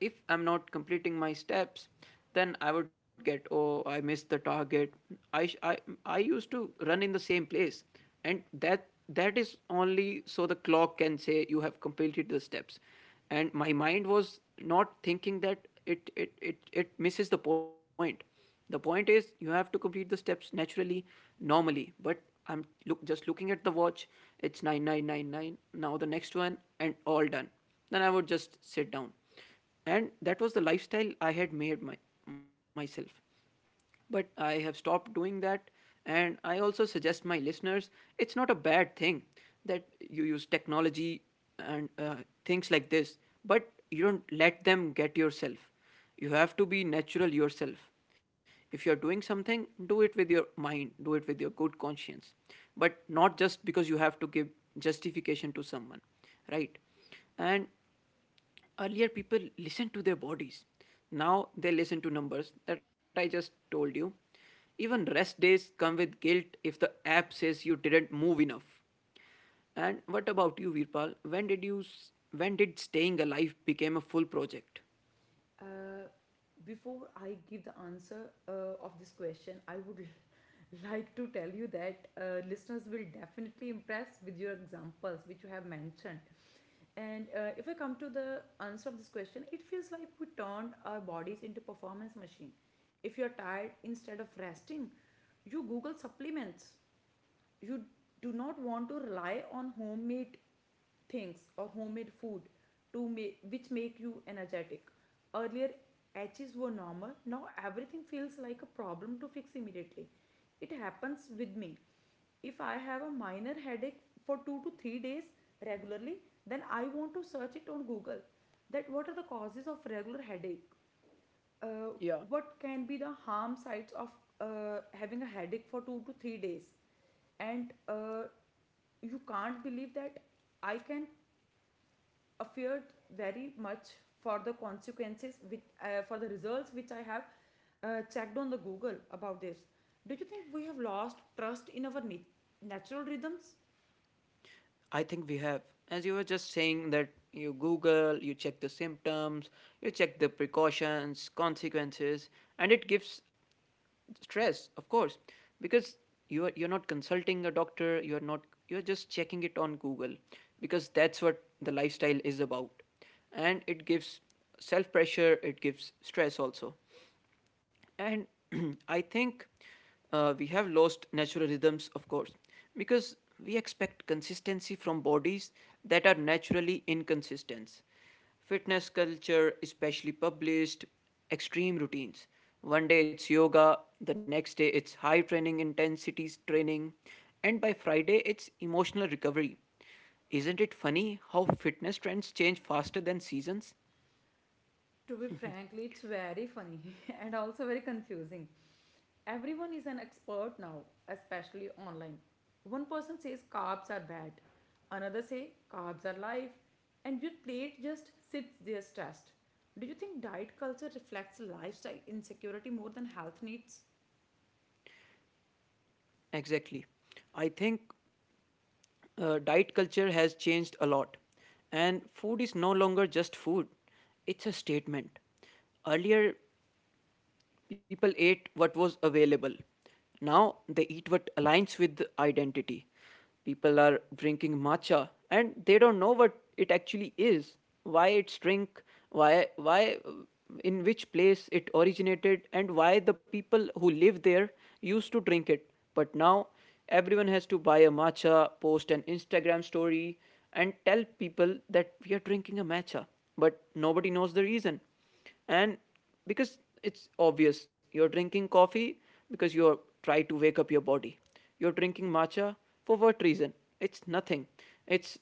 Speaker 1: if I'm not completing my steps, then I would get, oh, I missed the target. I, sh- I, I used to run in the same place. And that that is only so the clock can say you have completed the steps. And my mind was not thinking that it misses the point. The point is you have to complete the steps naturally, normally. But I'm look just looking at the watch, it's 9,999, now the next one and all done, then I would just sit down. And that was the lifestyle I had made my, myself. But I have stopped doing that. And I also suggest my listeners, it's not a bad thing that you use technology and things like this, but you don't let them get yourself. You have to be natural yourself. If you're doing something, do it with your mind, do it with your good conscience, but not just because you have to give justification to someone, right? And earlier, people listened to their bodies. Now, they listen to numbers that I just told you. Even rest days come with guilt if the app says you didn't move enough. And what about you, Virpal? When did staying alive became a full project?
Speaker 2: Uh, before I give the answer of this question, I would *laughs* like to tell you that listeners will definitely impress with your examples which you have mentioned. And if I come to the answer of this question, it feels like we turned our bodies into performance machine. If you're tired, instead of resting, you Google supplements. You do not want to rely on homemade things or homemade food to make which make you energetic. Earlier, edges were normal. Now everything feels like a problem to fix immediately. It happens with me. If I have a minor headache for 2 to 3 days regularly, then I want to search it on Google, that what are the causes of regular headache. Uh,
Speaker 1: Yeah,
Speaker 2: what can be the harm sides of having a headache for 2 to 3 days? And you can't believe that I can fear very much for the consequences which for the results which I have checked on the Google about this. Do you think we have lost trust in our natural rhythms?
Speaker 1: I think we have. As you were just saying, that you Google, you check the symptoms, you check the precautions, consequences, and it gives stress, of course, because you're not consulting a doctor, you're not you're just checking it on Google because that's what the lifestyle is about. And it gives self pressure, it gives stress also. And *clears throat* I think we have lost natural rhythms, of course, because we expect consistency from bodies that are naturally inconsistent. Fitness culture, especially published, extreme routines. One day it's yoga, the next day it's high training intensities training, and by Friday it's emotional recovery. Isn't it funny how fitness trends change faster than seasons?
Speaker 2: To be frankly, it's very funny *laughs* and also very confusing. Everyone is an expert now, especially online. One person says carbs are bad, another say carbs are life, and your plate just sits there stressed. Do you think diet culture reflects lifestyle insecurity more than health needs?
Speaker 1: Exactly. I think diet culture has changed a lot, and food is no longer just food, it's a statement. Earlier, people ate what was available. Now they eat what aligns with identity. People are drinking matcha and they don't know what it actually is, why it's drink, why in which place it originated and why the people who live there used to drink it. But now everyone has to buy a matcha, post an Instagram story and tell people that we are drinking a matcha, but nobody knows the reason. And because it's obvious, you're drinking coffee because you're try to wake up your body. You're drinking matcha for what reason? It's nothing. It's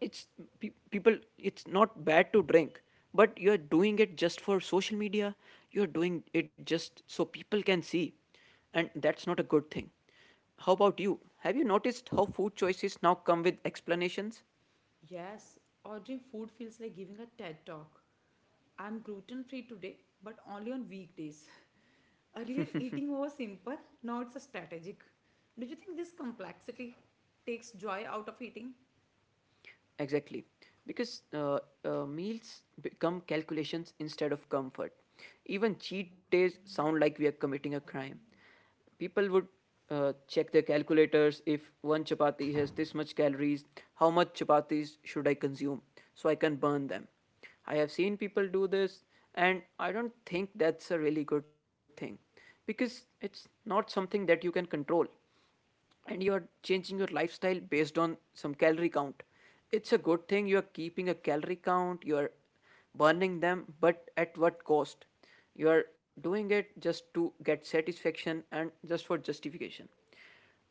Speaker 1: it's People, it's not bad to drink, but you're doing it just for social media, you're doing it just so people can see, and that's not a good thing. How about you? Have you noticed how food choices now come with explanations?
Speaker 2: Yes, ordering food feels like giving a TED talk. I'm gluten free today, but only on weekdays. *laughs* Earlier, eating was simple, now it's a strategic. Do you think this complexity takes joy out of eating?
Speaker 1: Exactly. Because meals become calculations instead of comfort. Even cheat days sound like we are committing a crime. People would check their calculators, if one chapati has this much calories, how much chapatis should I consume so I can burn them. I have seen people do this, and I don't think that's a really good thing because it's not something that you can control, and you are changing your lifestyle based on some calorie count. It's a good thing you are keeping a calorie count, you are burning them, but at what cost? You are doing it just to get satisfaction and just for justification.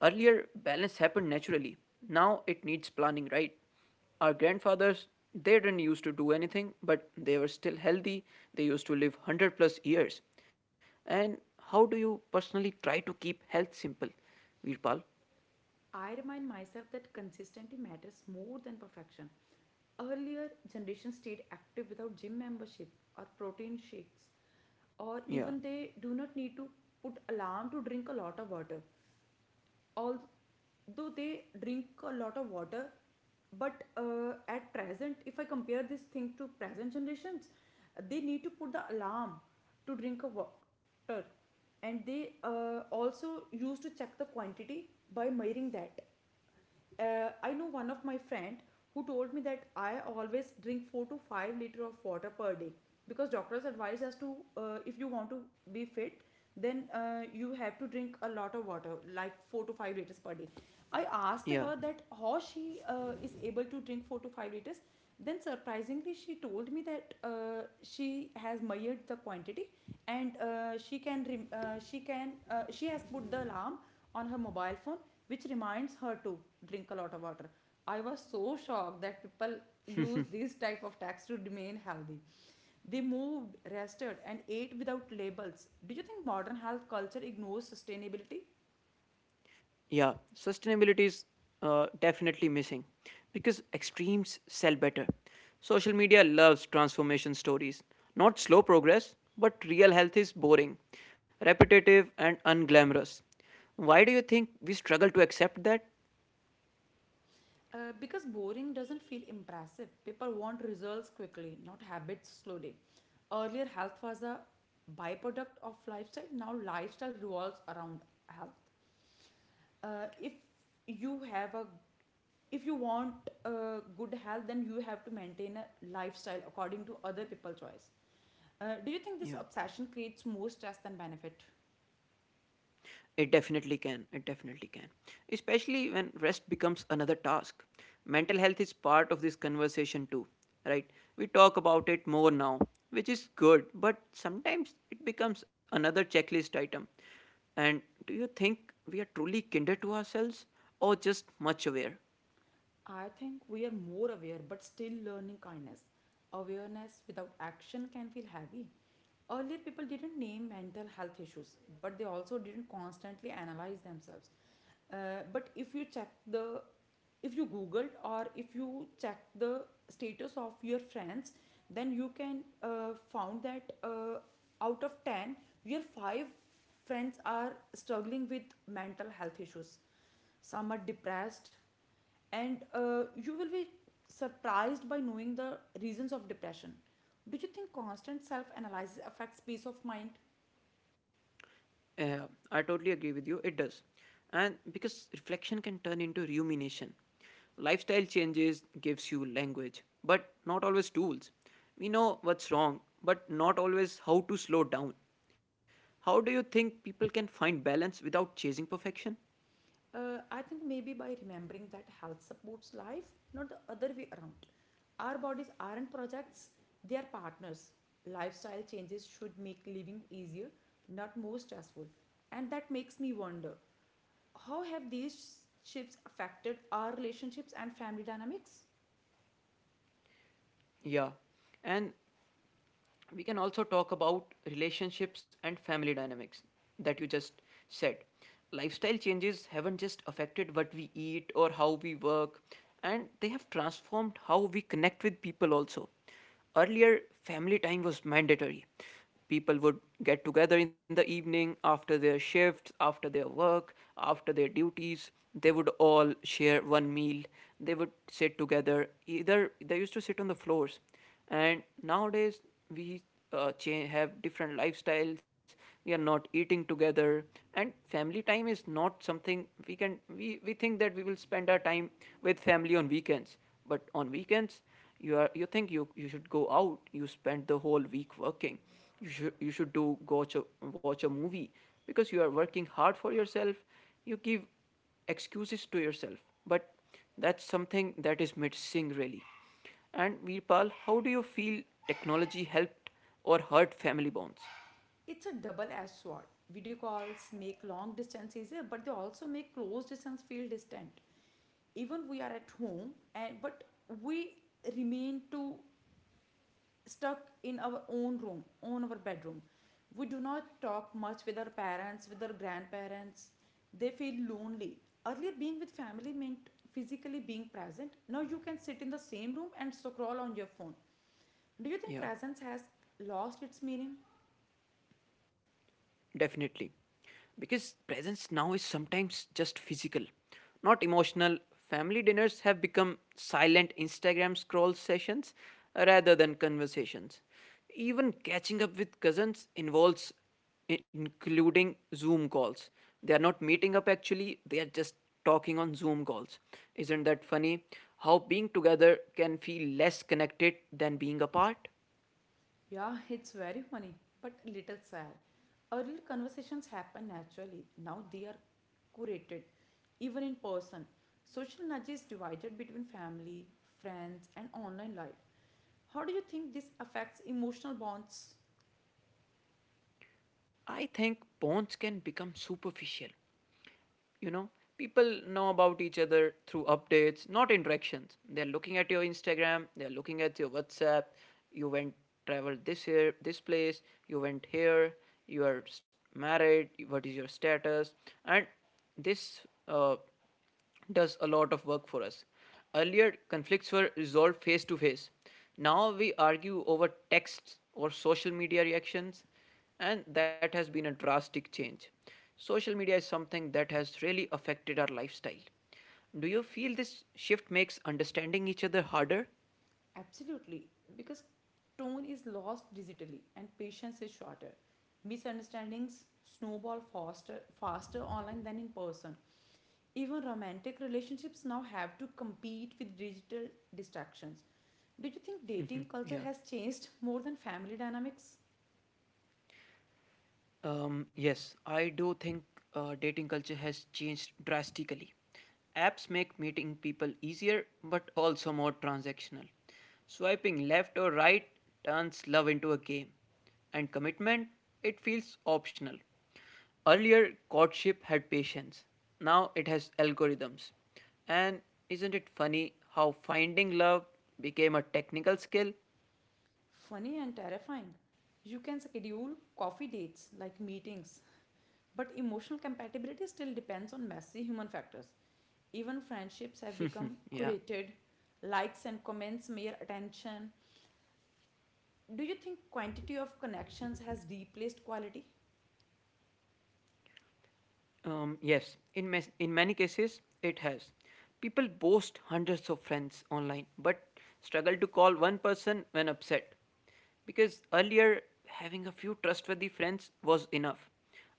Speaker 1: Earlier, balance happened naturally, now it needs planning, right? Our grandfathers, they didn't used to do anything but they were still healthy. They used to live 100 plus years. And how do you personally try to keep health simple, Virpal?
Speaker 2: I remind myself that consistency matters more than perfection. Earlier, generations stayed active without gym membership or protein shakes,
Speaker 1: Yeah,
Speaker 2: or even they do not need to put alarm to drink a lot of water. Although they drink a lot of water, but at present, if I compare this thing to present generations, they need to put the alarm to drink a water. And they also used to check the quantity by measuring that. I know one of my friend who told me that I always drink 4 to 5 liter of water per day, because doctors advise us to, if you want to be fit, then you have to drink a lot of water, like 4 to 5 liters per day. I asked
Speaker 1: yeah,
Speaker 2: her that how she is able to drink 4 to 5 liters. Then surprisingly she told me that she has measured the quantity, and she can she can she has put the alarm on her mobile phone, which reminds her to drink a lot of water. I was so shocked that people use these type of tags to remain healthy. They moved, rested, and ate without labels. Do you think modern health culture ignores sustainability?
Speaker 1: yeah. Sustainability is definitely missing because extremes sell better. Social media loves transformation stories, not slow progress, but real health is boring, repetitive, and unglamorous. Why do you think we struggle to accept that?
Speaker 2: Because boring doesn't feel impressive. People want results quickly, not habits slowly. Earlier, health was a byproduct of lifestyle. Now lifestyle revolves around health. If you have a, if you want good health, then you have to maintain a lifestyle according to other people's choice. Do you think this
Speaker 1: Yeah.
Speaker 2: obsession creates more stress than benefit?
Speaker 1: It definitely can. It definitely can. Especially when rest becomes another task. Mental health is part of this conversation too, right? We talk about it more now, which is good, but sometimes it becomes another checklist item. And do you think we are truly kinder to ourselves or just much aware?
Speaker 2: I think we are more aware but still learning kindness. Awareness without action can feel heavy. Earlier, people didn't name mental health issues, but they also didn't constantly analyze themselves. But if you check the, if you googled or if you check the status of your friends, then you can found that out of 10, your five friends are struggling with mental health issues. Some are depressed, and you will be surprised by knowing the reasons of depression. Do you think constant self analysis affects peace of mind?
Speaker 1: Yeah, I totally agree with you. It does. And because reflection can turn into rumination. Lifestyle changes gives you language, but not always tools. We know what's wrong, but not always how to slow down. How do you think people can find balance without chasing perfection?
Speaker 2: I think maybe by remembering that health supports life, not the other way around. Our bodies aren't projects, they are partners. Lifestyle changes should make living easier, not more stressful. And that makes me wonder, how have these shifts affected our relationships and family dynamics?
Speaker 1: Yeah. And we can also talk about relationships and family dynamics that you just said. Lifestyle changes haven't just affected what we eat or how we work, and they have transformed how we connect with people also. Earlier, family time was mandatory. People would get together in the evening after their shifts, after their work, after their duties. They would all share one meal. They would sit together. Either they used to sit on the floors, and nowadays we change, have different lifestyles. We are not eating together, and family time is not something we we think that we will spend our time with family on weekends. But on weekends you think you should go out. You spend the whole week working, you should do go watch watch a movie because you are working hard for yourself. You give excuses to yourself, but that's something that is missing really. And Veerpal, how do you feel technology helped or hurt family bonds?
Speaker 2: It's a double edged sword. Video calls make long distance easier, but they also make close distance feel distant. Even we are at home, and but we remain to stuck in our own room, on our bedroom. We do not talk much with our parents, with our grandparents. They feel lonely. Earlier, being with family meant physically being present. Now you can sit in the same room and scroll on your phone. Do you think
Speaker 1: Yeah.
Speaker 2: presence has lost its meaning?
Speaker 1: Definitely. Because presence now is sometimes just physical, not emotional. Family dinners have become silent Instagram scroll sessions rather than conversations. Even catching up with cousins involves including Zoom calls. They are not meeting up actually, they are just talking on Zoom calls. Isn't that funny? How being together can feel less connected than being apart?
Speaker 2: Yeah, it's very funny, but a little sad. Earlier, conversations happen naturally, now they are curated, even in person. Social nudge is divided between family, friends, and online life. How do you think this affects emotional bonds?
Speaker 1: I think bonds can become superficial, you know people know about each other through updates, not interactions. They're looking at your Instagram, they're looking at your WhatsApp. You went, traveled this, here, this place, you went here, you are married, what is your status? And this uh, does a lot of work for us. Earlier, conflicts were resolved face to face. Now we argue over texts or social media reactions, and that has been a drastic change. Social media is something that has really affected our lifestyle. Do you feel this shift makes understanding each other harder?
Speaker 2: Absolutely, because tone is lost digitally and patience is shorter. Misunderstandings snowball faster online than in person. Even romantic relationships now have to compete with digital distractions. Do you think dating culture
Speaker 1: Yeah.
Speaker 2: has changed more than family dynamics?
Speaker 1: Yes, I do think dating culture has changed drastically. Apps make meeting people easier but also more transactional. Swiping left or right turns love into a game, and commitment, it feels optional. Earlier, courtship had patience, now it has algorithms. And isn't it funny how finding love became a technical skill?
Speaker 2: Funny and terrifying. You can schedule coffee dates like meetings. But emotional compatibility still depends on messy human factors. Even friendships have become
Speaker 1: Yeah.
Speaker 2: curated, likes and comments mere attention. Do you think quantity of connections has replaced quality?
Speaker 1: Yes, in many cases, it has. People boast hundreds of friends online but struggle to call one person when upset. Because earlier, having a few trustworthy friends was enough.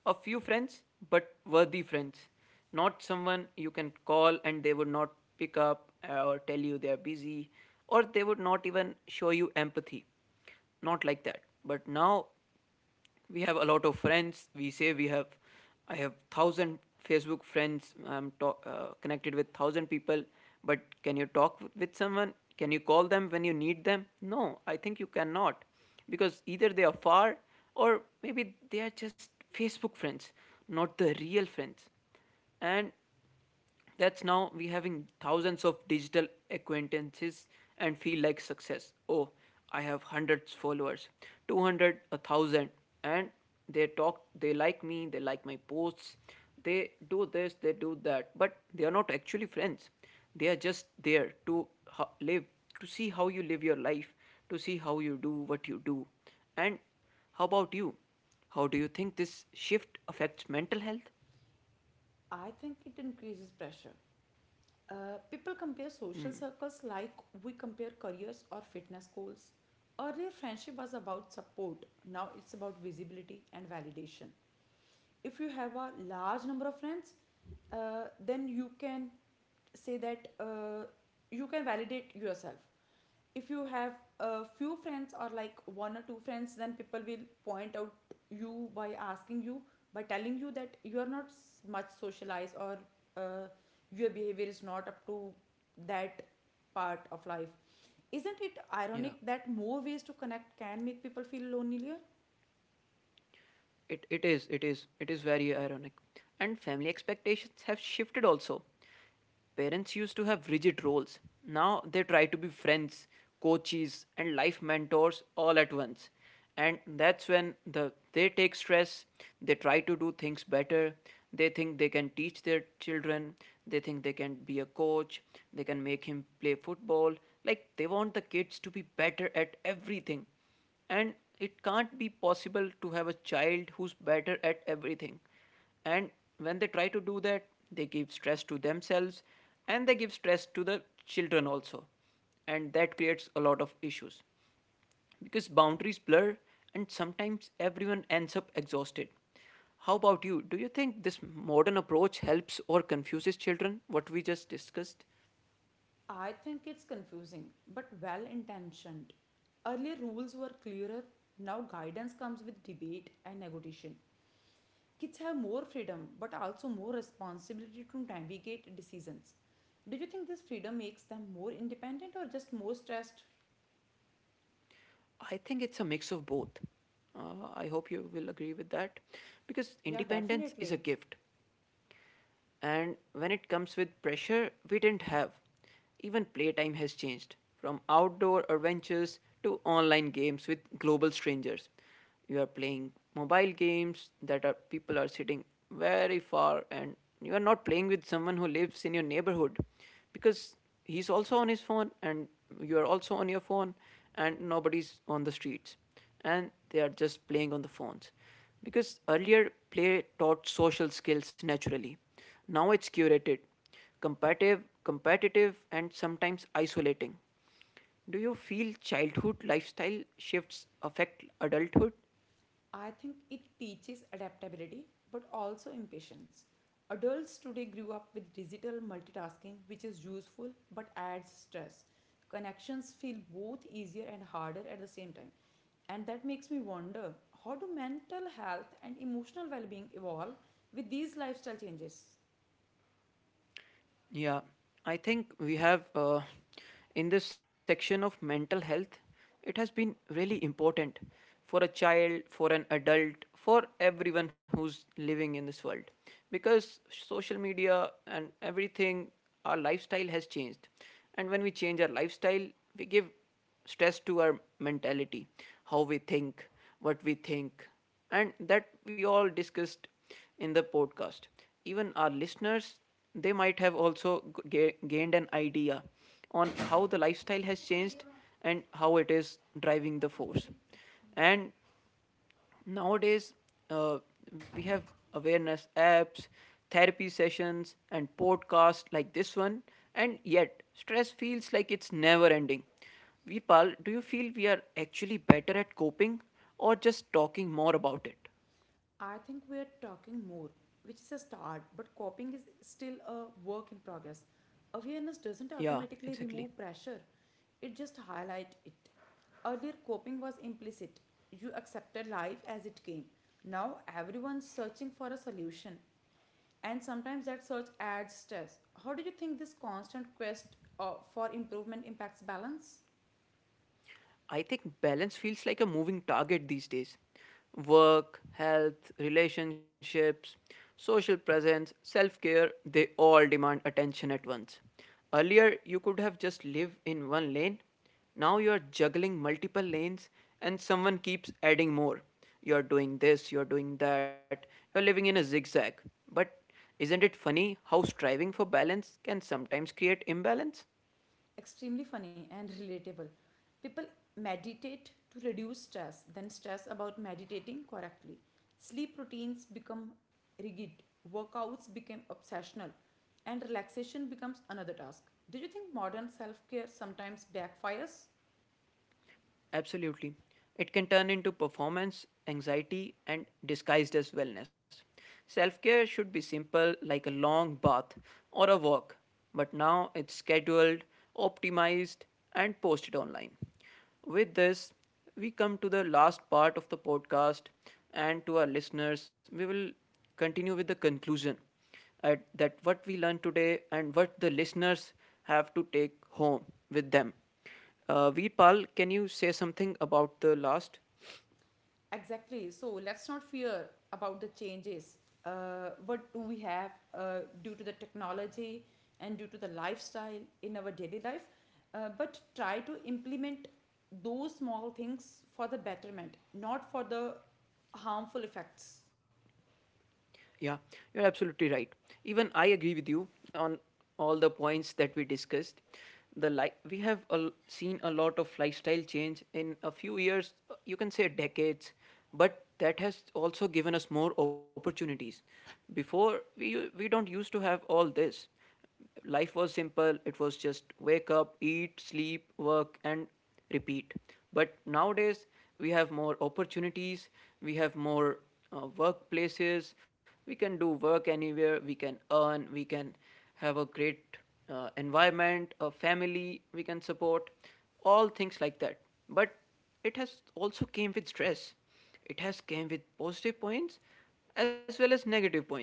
Speaker 1: A few friends, but worthy friends. Not someone you can call and they would not pick up, or tell you they are busy, or they would not even show you empathy, not like that. But now we have a lot of friends. We say we have, I have 1000 Facebook friends, connected with 1000 people. But can you talk with someone? Can you call them when you need them? No, I think you cannot, because either they are far or maybe they are just Facebook friends, not the real friends. And that's, now we having thousands of digital acquaintances and feel like success. Oh, I have hundreds followers, 200, a thousand, and they talk, they like me, they like my posts, they do this, they do that, but they are not actually friends. They are just there to live, to see how you live your life, to see how you do what you do. And how about you? How do you think this shift affects mental health?
Speaker 2: I think it increases pressure. People compare social circles like we compare careers or fitness goals. Earlier, friendship was about support. Now it's about visibility and validation. If you have a large number of friends, then you can say that you can validate yourself. If you have a few friends, or like one or two friends, then people will point out you by asking you, by telling you that you are not much socialized, or uh, your behavior is not up to that part of life. Isn't it
Speaker 1: Yeah.
Speaker 2: ironic that more ways to connect can make people feel lonelier?
Speaker 1: It is very ironic. And family expectations have shifted also. Parents used to have rigid roles. Now they try to be friends, coaches, and life mentors all at once. And that's when they take stress, they try to do things better, they think they can teach their children, they think they can be a coach, they can make him play football. Like, they want the kids to be better at everything, and it can't be possible to have a child who's better at everything. And when they try to do that, they give stress to themselves, and they give stress to the children also, and that creates a lot of issues, because boundaries blur and sometimes everyone ends up exhausted. How about you? Do you think this modern approach helps or confuses children, what we just discussed?
Speaker 2: I think it's confusing, but well intentioned. Earlier rules were clearer, now guidance comes with debate and negotiation. Kids have more freedom but also more responsibility to navigate decisions. Do you think this freedom makes them more independent or just more stressed?
Speaker 1: I think it's a mix of both. I hope you will agree with that, because
Speaker 2: Yeah,
Speaker 1: independence is a
Speaker 2: definitely.
Speaker 1: gift, and when it comes with pressure, we didn't have. Even playtime has changed from outdoor adventures to online games with global strangers. You are playing mobile games that are, people are sitting very far, and you are not playing with someone who lives in your neighborhood, because he's also on his phone, and you are also on your phone, and nobody's on the streets, and they are just playing on the phones. Because earlier, play taught social skills naturally, now it's curated, competitive, and sometimes isolating. Do you feel childhood lifestyle shifts affect adulthood?
Speaker 2: I think it teaches adaptability but also impatience. Adults today grew up with digital multitasking, which is useful but adds stress. Connections feel both easier and harder at the same time. And that makes me wonder, how do mental health and emotional well being evolve with these lifestyle changes?
Speaker 1: Yeah, I think we have, in this section of mental health, it has been really important for a child, for an adult, for everyone who's living in this world, because social media and everything, our lifestyle has changed. And when we change our lifestyle, we give stress to our mentality, how we think, what we think, and that we all discussed in the podcast. Even our listeners, they might have also gained an idea on how the lifestyle has changed and how it is driving the force. And nowadays, uh, we have awareness apps, therapy sessions, and podcasts like this one, and yet stress feels like it's never ending. Vipal, do you feel we are actually better at coping or just talking more about it?
Speaker 2: I think we are talking more, which is a start, but coping is still a work in progress. Awareness doesn't
Speaker 1: Yeah,
Speaker 2: automatically
Speaker 1: exactly.
Speaker 2: remove pressure, it just highlights it. Earlier, coping was implicit. You accepted life as it came. Now, everyone's searching for a solution, and sometimes that search adds stress. How do you think this constant quest for improvement impacts balance?
Speaker 1: I think balance feels like a moving target these days. Work, health, relationships, social presence, self care, they all demand attention at once. Earlier, you could have just lived in one lane. Now you are juggling multiple lanes, and someone keeps adding more. You're doing this, you're doing that, you're living in a zigzag. But isn't it funny how striving for balance can sometimes create imbalance?
Speaker 2: Extremely funny and relatable. People meditate to reduce stress, then stress about meditating correctly. Sleep routines become rigid, workouts become obsessional, and relaxation becomes another task. Do you think modern self care sometimes backfires?
Speaker 1: Absolutely. It can turn into performance, anxiety, and disguised as wellness. Self care should be simple, like a long bath or a walk, but now it's scheduled, optimized, and posted online. With this, we come to the last part of the podcast, and to our listeners, we will continue with the conclusion at that what we learned today and what the listeners have to take home with them. Veerpal, can you say something about the last?
Speaker 2: Exactly. So let's not fear about the changes. What do we have due to the technology and due to the lifestyle in our daily life? But try to implement those small things for the betterment, not for the harmful effects.
Speaker 1: Yeah, you're absolutely right. Even I agree with you on all the points that we discussed. We have seen a lot of lifestyle change in a few years, you can say decades, but that has also given us more opportunities. We don't used to have all this. Life was simple, it was just wake up, eat, sleep, work, and repeat. But nowadays we have more opportunities, we have more workplaces, we can do work anywhere, we can earn, we can have a great environment, a family we can support, all things like that. But it has also came with stress, it has came with positive points as well as negative points,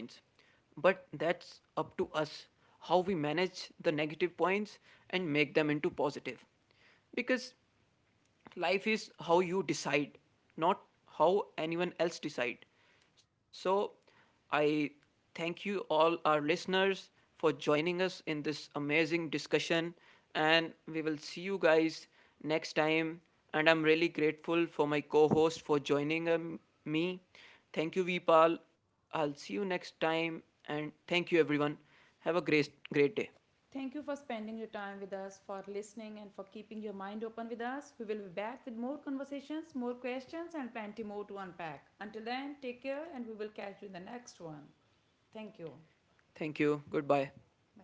Speaker 1: but that's up to us how we manage the negative points and make them into positive. Because life is how you decide, not how anyone else decide. So I thank you all our listeners for joining us in this amazing discussion, and we will see you guys next time. And I'm really grateful for my co-host for joining me. Thank you, Vipal, I'll see you next time. And thank you everyone, have a great day.
Speaker 2: Thank you for spending your time with us, for listening, and for keeping your mind open with us. We will be back with more conversations, more questions, and plenty more to unpack. Until then, take care, and we will catch you in the next one. Thank you.
Speaker 1: Thank you, goodbye.
Speaker 2: Bye.